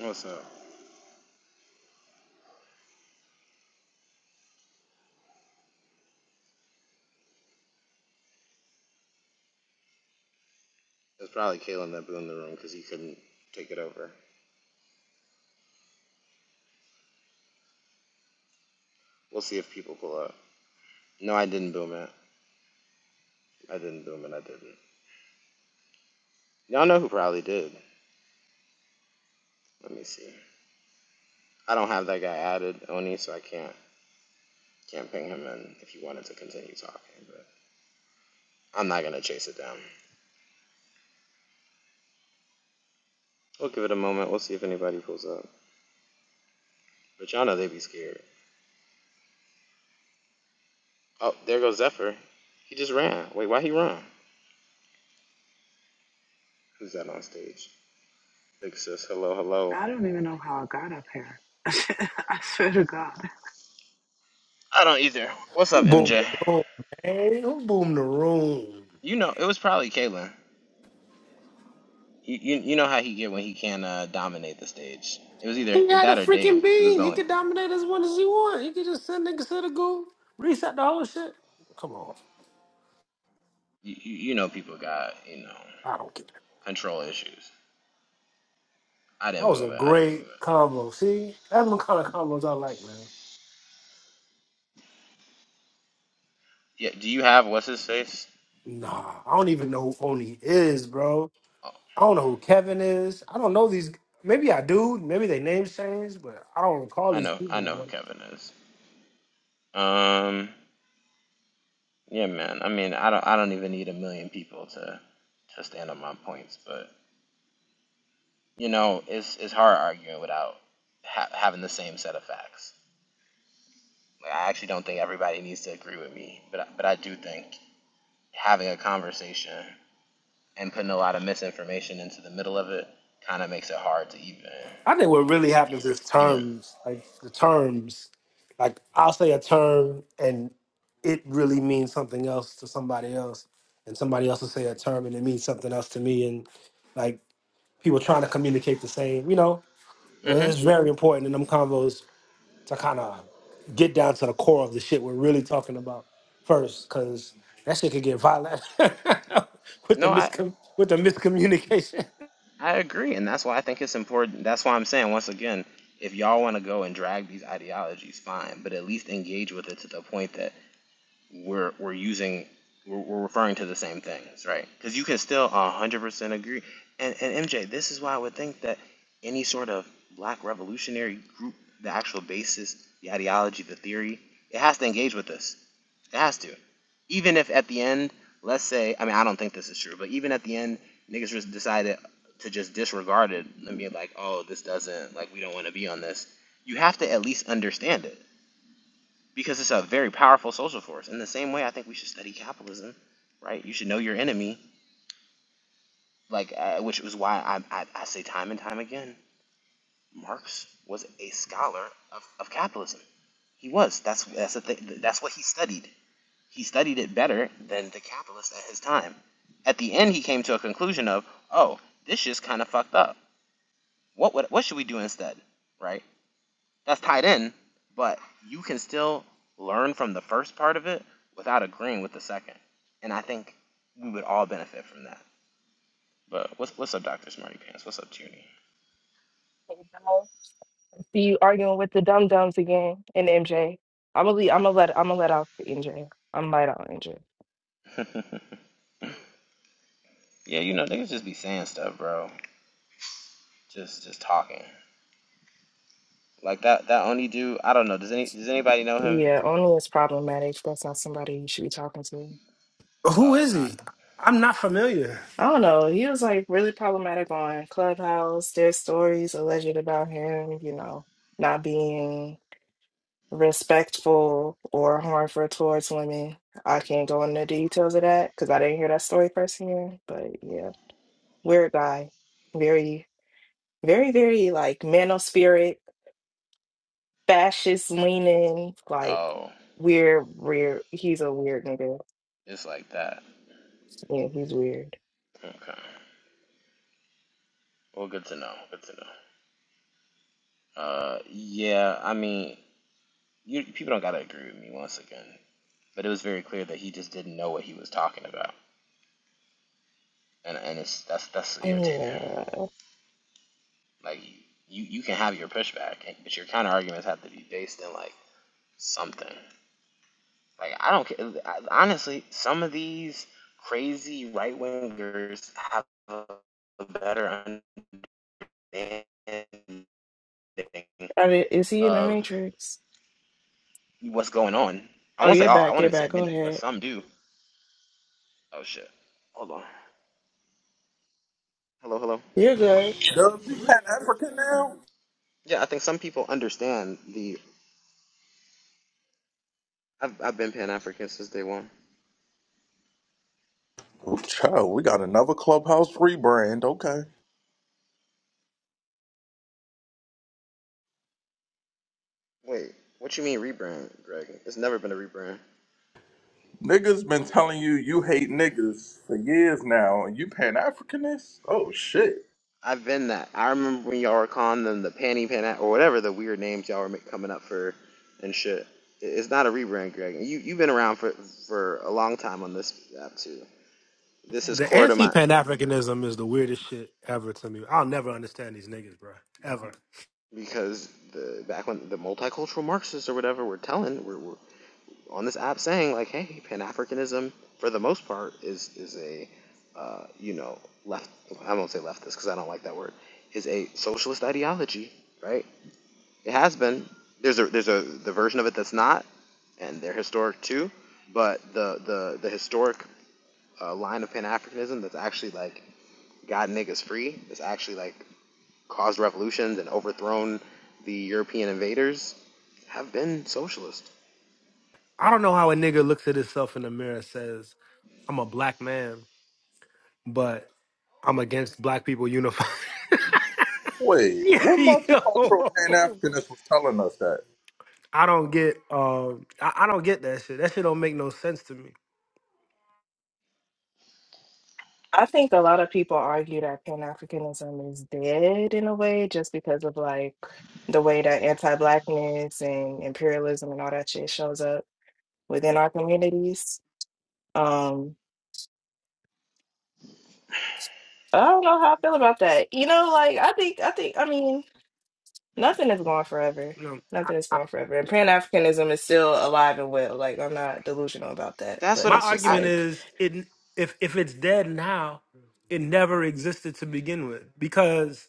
What's up? It's probably Kalen that boomed the room because he couldn't take it over. We'll see if people pull up. No, I didn't boom it. I didn't boom it. I didn't. Y'all know who probably did. Let me see. I don't have that guy added, Oni, so I can't can't ping him in if you wanted to continue talking. But I'm not gonna chase it down. We'll give it a moment. We'll see if anybody pulls up. But y'all know they be scared. Oh, there goes Zephyr. He just ran. Wait, why he run? Who's that on stage? Big sis. Hello, hello. I don't even know how I got up here. I swear to God. I don't either. What's Who up, boomed MJ? the room, man? Who boomed the room? You know, it was probably Kalen. You, you, you know how he get when he can't uh, dominate the stage. It was either He had a that or freaking Dave. It was bean. the He only. could dominate as much as he want. He could just send niggas to the goo, reset the whole shit. Come on. You, you you know people got you know I don't get it. control issues. I That didn't was a move it. I didn't move it. great combo. See? That's the kind of combos I like, man. Yeah. Do you have what's his face? Nah, I don't even know who Oni is, bro. Oh, I don't know who Kevin is. I don't know these. Maybe I do. Maybe they names changed, but I don't recall I these know. I people, know who bro. Kevin is. Um. Yeah, man. I mean, I don't. I don't even need a million people to to stand on my points. But you know, it's it's hard arguing without ha- having the same set of facts. Like, I actually don't think everybody needs to agree with me, but I, but I do think having a conversation and putting a lot of misinformation into the middle of it kind of makes it hard to even I think what really happens is even. terms, like the terms. Like I'll say a term, and it really means something else to somebody else, and somebody else will say a term and it means something else to me, and like people trying to communicate the same. You know, Uh, Mm-hmm. it's very important in them convos to kind of get down to the core of the shit we're really talking about first, because that shit could get violent with the No, I miscom with the miscommunication. I agree, and that's why I think it's important. That's why I'm saying once again, if y'all want to go and drag these ideologies, fine, but at least engage with it to the point that we're we're using we're, we're referring to the same things, right? Because you can still 100% agree. And and MJ, this is why I would think that any sort of black revolutionary group, the actual basis, the ideology, the theory, it has to engage with this It has to. Even if at the end, let's say, I mean, I don't think this is true, but even at the end, niggas just decided to just disregard it and be like, oh, this doesn't, like, we don't want to be on this. You have to at least understand it because it's a very powerful social force. In the same way, I think we should study capitalism, right? You should know your enemy, like, uh, which was why I, I, I say time and time again Marx was a scholar of, of capitalism. He was. That's that's the thing. That's what he studied. He studied it better than the capitalists at his time. At the end, he came to a conclusion of, oh, this shit's kind of fucked up. What would, what should we do instead? Right? That's tied in, but you can still learn from the first part of it without agreeing with the second. And I think we would all benefit from that. But what's what's up, Doctor Smarty Pants? What's up, Junie? See you arguing with the dum dums again and MJ. I'm gonna I'm gonna let I'm gonna let out MJ. I'm light out MJ. yeah, you know niggas just be saying stuff, bro. Just just talking like that. That only dude. I don't know. Does any does anybody know him? Yeah, only is problematic. That's not somebody you should be talking to. Who Oh, it's is not. he? I'm not familiar. I don't know. He was like really problematic on Clubhouse. There's stories alleged about him, you know, not being respectful or harmful towards women. I can't go into details of that because I didn't hear that story firsthand. But yeah, weird guy, very, very, very like man of spirit fascist leaning, like Oh, weird, weird. He's a weird nigga. It's like that. Yeah, he's weird. Okay. Well, good to know. Good to know. Uh, yeah. I mean, you people don't gotta agree with me once again, but it was very clear that he just didn't know what he was talking about, and and it's that's that's irritating. Yeah. Like you you can have your pushback, but your counter arguments have to be based in like something. Like I don't care. I- Honestly, some of these crazy right wingers have a better understanding I mean, is he in the of Matrix? what's going on. I Oh, won't say you're all. I back. won't You're even say back. Go many, but ahead. some do. Oh shit. Hold on. Hello, hello. You're good. Dub, you Pan African now? Yeah, I think some people understand the. I've I've been Pan African since day one. Oh, child, we got another clubhouse rebrand. Okay. Wait, what you mean rebrand, Greg? It's never been a rebrand. Niggas been telling you you Well, hate niggas for years now, and you Pan Africanist? Oh, shit. I've been that. I remember when y'all were calling them the Panty Pan or whatever the weird names y'all were ma- coming up for, and shit. It's not a rebrand, Greg. You you've been around for for a long time on this app too. This is The core to anti my Pan Africanism is the weirdest shit ever to me. I'll never understand these niggas, bro. Ever. because the back when the multicultural Marxists or whatever were telling were, were on this app saying like, hey, Pan Africanism for the most part is is a uh, you know left. I won't say leftist because I don't like that word. Is a socialist ideology, right? It has been. There's a there's a the version of it that's not, and they're historic too. But the the the historic uh, line of Pan Africanism that's actually like got niggas free. That's actually like caused revolutions and overthrown the European invaders have been socialist. I don't know how a nigga looks at himself in the mirror and says, I'm a black man, but I'm against black people unifying. Wait, Yeah, what multicultural Pan yo. Africanist was telling us that? I don't get um I, I don't get that shit. That shit don't make no sense to me. I think a lot of people argue that Pan Africanism is dead in a way just because of like the way that anti blackness and imperialism and all that shit shows up within our communities. Um, I don't know how I feel about that. You know, like I think I think I mean Nothing is gone forever. You know, Nothing is gone forever. And Pan Africanism is still alive and well. Like, I'm not delusional about that, That's but what my I, it's just I argument like is it if if it's dead now, it never existed to begin with. Because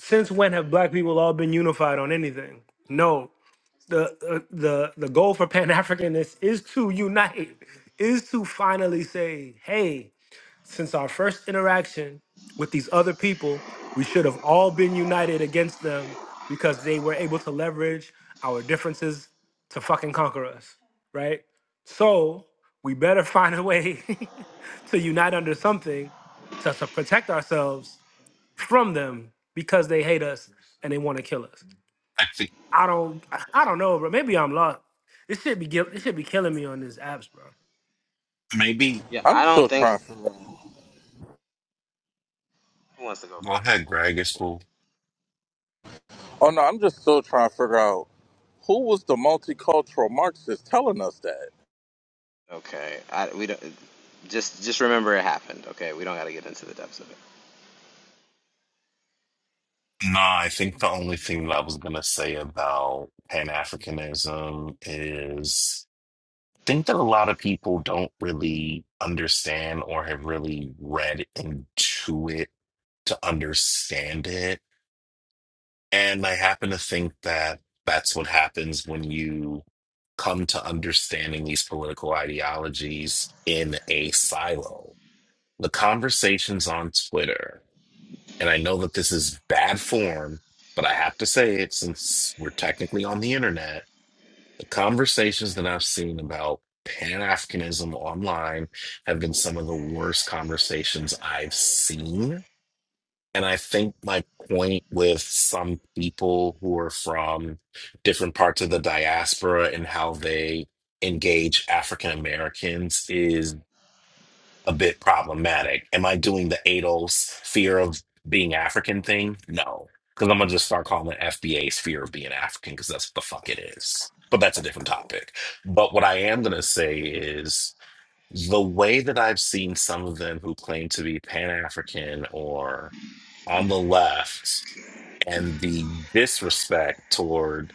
since when have black people all been unified on anything? No. the uh, the the goal for Pan Africanists is to unite, is to finally say, hey, since our first interaction with these other people, we should have all been united against them because they were able to leverage our differences to fucking conquer us, right? So we better find a way to unite under something to, to protect ourselves from them because they hate us and they want to kill us. I think I don't I don't know, bro. Maybe I'm lost. This should be guil- this should be killing me on these apps, bro. maybe yeah. I'm I don't still think trying to figure out. Who wants to go go first? ahead, Greg. It's cool. Oh, no, I'm just still trying to figure out who was the multicultural Marxist telling us that? Okay, I, we don't. Just just remember it happened. Okay, we don't got to get into the depths of it. No, I think the only thing that I was gonna say about Pan Africanism is I think that a lot of people don't really understand or have really read into it to understand it. And I happen to think that that's what happens when you come to understanding these political ideologies in a silo. The conversations on Twitter, And I know that this is bad form, but I have to say it since we're technically on the internet. The conversations that I've seen about Pan Africanism online have been some of the worst conversations I've seen. And I think my point with some people who are from different parts of the diaspora and how they engage African Americans is a bit problematic. Am I doing the ADOS fear of being African thing? No. Because I'm going to just start calling it FBA's fear of being African because that's what the fuck it is. But that's a different topic. But what I am going to say is the way that I've seen some of them who claim to be Pan African or on the left and the disrespect toward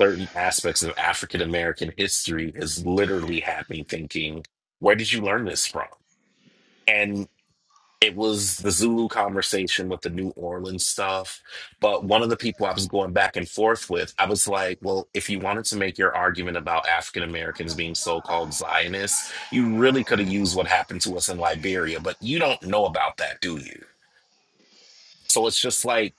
certain aspects of African American history is literally had me thinking, where did you learn this from? And it was the Zulu conversation with the New Orleans stuff. But one of the people I was going back and forth with, I was like, well, if you wanted to make your argument about African Americans being so called Zionists, you really could have used what happened to us in Liberia, but you don't know about that, do you? So it's just like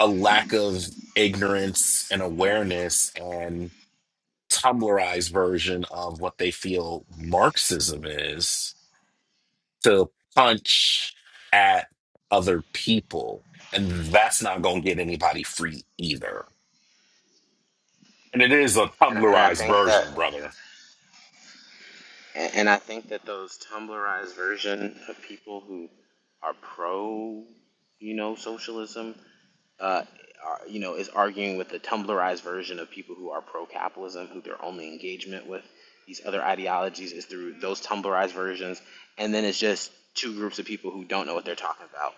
a lack of ignorance and awareness and Tumblrized version of what they feel Marxism is to punch at other people, and that's not going to get anybody free either. And it is a And and I Tumblrized think that version, brother. and I think that those Tumblrized version of people who are pro, you know, socialism, uh, are, you know, is arguing with the Tumblrized version of people who are pro capitalism, who their only engagement with these other ideologies is through those Tumblrized versions, and then it's just two groups of people who don't know what they're talking about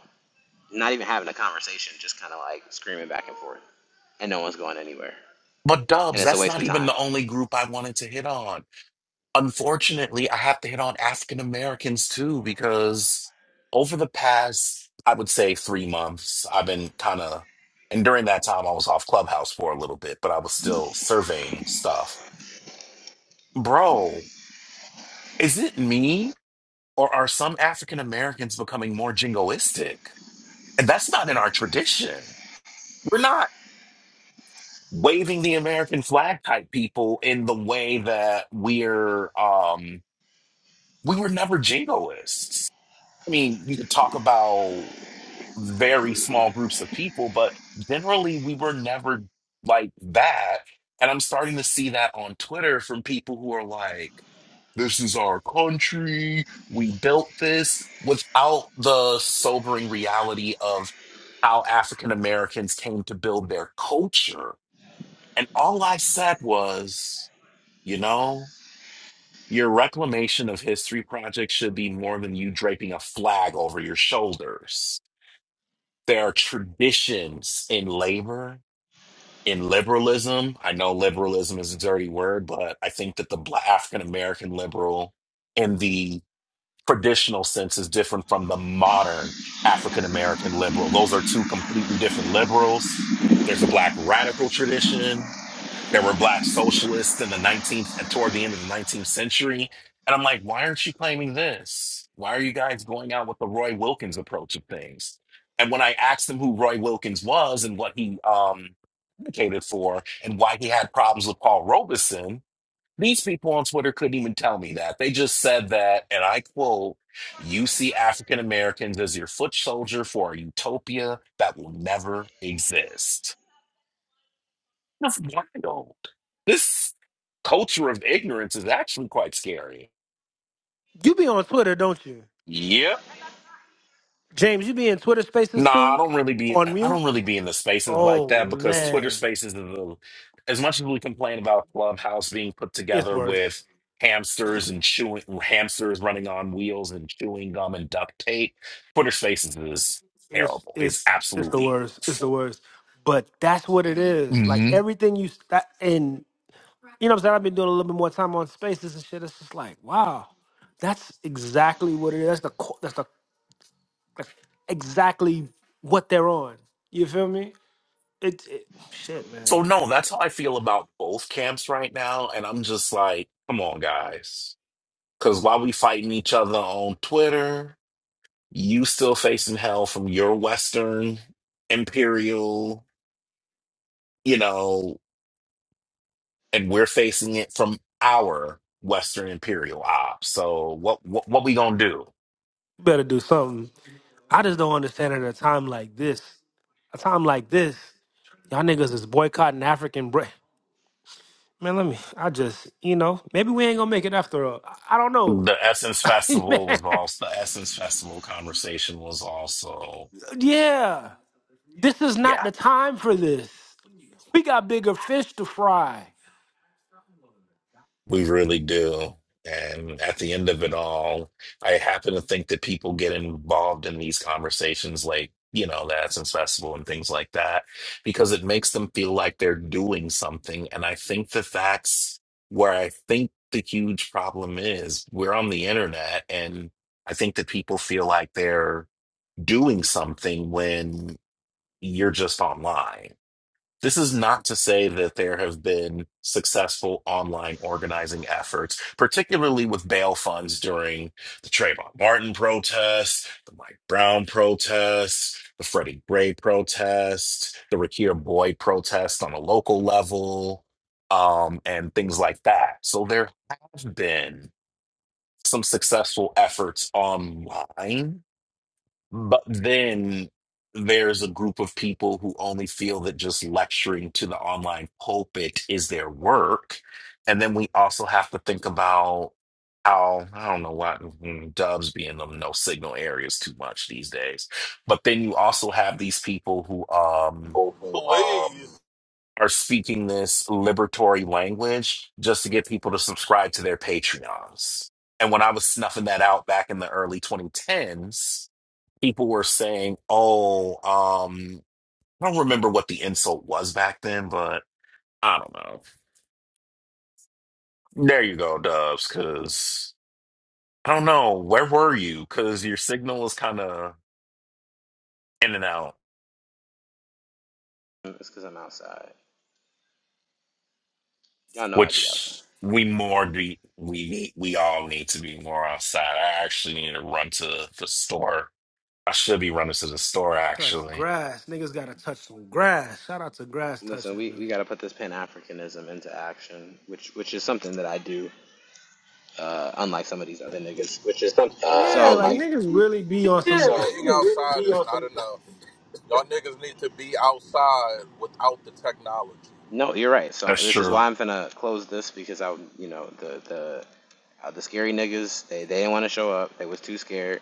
not even having a conversation, just kind of like screaming back and forth, and no one's going anywhere, But and Dubs, it's a that's waste not of even time. the only group I wanted to hit on. Unfortunately, I have to hit on African Americans too, because over the past, I would say, three months, I've been kind of, and during that time, I was off Clubhouse for a little bit, but I was still surveying stuff. Bro, is it me? Or are some African Americans becoming more jingoistic? And that's not in our tradition. We're not waving the American flag type people in the way that we're, um, we were never jingoists. I mean, you could talk about very small groups of people, but generally we were never like that. And I'm starting to see that on Twitter from people who are like, This is our country. We built this without the sobering reality of how African Americans came to build their culture. And all I said was, you know, your reclamation of history project should be more than you draping a flag over your shoulders. There are traditions in labor, in liberalism. I know liberalism is a dirty word, but I think that the Black African American liberal and the traditional sense is different from the modern African American liberal. Those are two completely different liberals. There's a black radical tradition. There were black socialists in the 19th, toward the end of the 19th century. And I'm like, why aren't you claiming this? Why are you guys going out with the Roy Wilkins approach of things? And when I asked them who Roy Wilkins was and what he um, advocated for and why he had problems with Paul Robeson, these people on Twitter couldn't even tell me that. They just said that, and I quote, you see African Americans as your foot soldier for a utopia that will never exist. That's wild. This culture of ignorance is actually quite scary. You be on Twitter, don't you? Yep. James, you be in Twitter spaces Nah, I too? don't really be On I mute? don't really be in the spaces like Oh that because Twitter man, spaces is a, as much as we complain about Clubhouse being put it's together worse. with hamsters and chewing hamsters running on wheels and chewing gum and duct tape, Twitter spaces is It's terrible. It's it's it's the absolutely worst. It's the awful. worst. But that's what it is. Like hmm everything you that and you know what I'm saying? I've been doing a little bit more time on spaces and shit. It's just like, wow. That's exactly what it is. That's the co- that's the that's exactly what they're on. You feel me? It, it shit, man. So no, that's how I feel about both camps right now. And I'm just like, come on, guys. Cause while we fighting each other on Twitter. You still facing hell from your Western imperial, you know, and we're facing it from our Western imperial ops. So what what, what we gonna do? You better do something. I just don't understand at a time like this. A time like this, y'all niggas is boycotting African bread. Man, let me. I just, you know, maybe we ain't gonna make it after all. I, I don't know. The Essence Festival man, was also the Essence Festival conversation was also yeah, this is yeah. not the time for this. We got bigger fish to fry. We really do. And at the end of it all, I happen to think that people get involved in these conversations like, you know, the Essence Festival and things like that, because it makes them feel like they're doing something. And I think that that's where I think the huge problem is. We're on the internet, and I think that people feel like they're doing something when you're just online. This is not to say that there have been successful online organizing efforts, particularly with bail funds during the Trayvon Martin protests, the Mike Brown protests, the Freddie Gray protests, the Rakir Boyd protests on a local level, um, and things like that. So there have been some successful efforts online but then there's a group of people who only feel that just lecturing to the online pulpit is their work. And then we also have to think about how, I don't know why mm, dubs be in them no signal areas too much these days. But then you also have these people who um, um, Please. are speaking this liberatory language just to get people to subscribe to their Patreons. And when I was snuffing that out back in the early 2010s, people were saying, "Oh, um, I don't remember what the insult was back then, but I don't know." There you go, Dubs, because I don't know where were you because your signal is kind of in and out, It's because I'm outside. Y'all know I'd be outside. which we more be, we need we all need to be more outside. I actually need to run to the store. I should be running to the store Touch actually. grass, niggas gotta touch some grass. Shout out to grass Listen, touching, we, we man. got to put this Pan Africanism into action, which which is something that I do, uh, unlike some of these other which niggas. which is some uh, Yeah, So like you, unlikely. niggas really be on Yeah, So some. being outside is not enough. Y'all niggas need to be outside without the technology. no, you're right. So That's this is true. why I'm finna close this because I, you know, the the uh, the scary niggas they they didn't want to show up. They was too scared.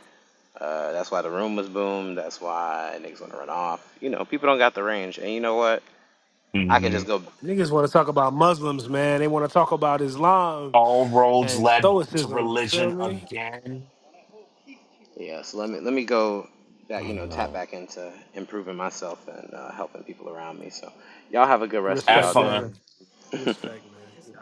Uh, that's why the room was boomed. That's why niggas want to run off. You know, people don't got the range. And you know what? I can hmm just go. Niggas want to talk about Muslims, man. They want to talk about Islam All roads and led to Stoicism. Feel religion me? again. Yeah, so let me let me go I back, you know, don't tap know. back into improving myself and uh, helping people around me. So y'all have a good rest of Have Respect, y'all day. brother. fun. Respect, man.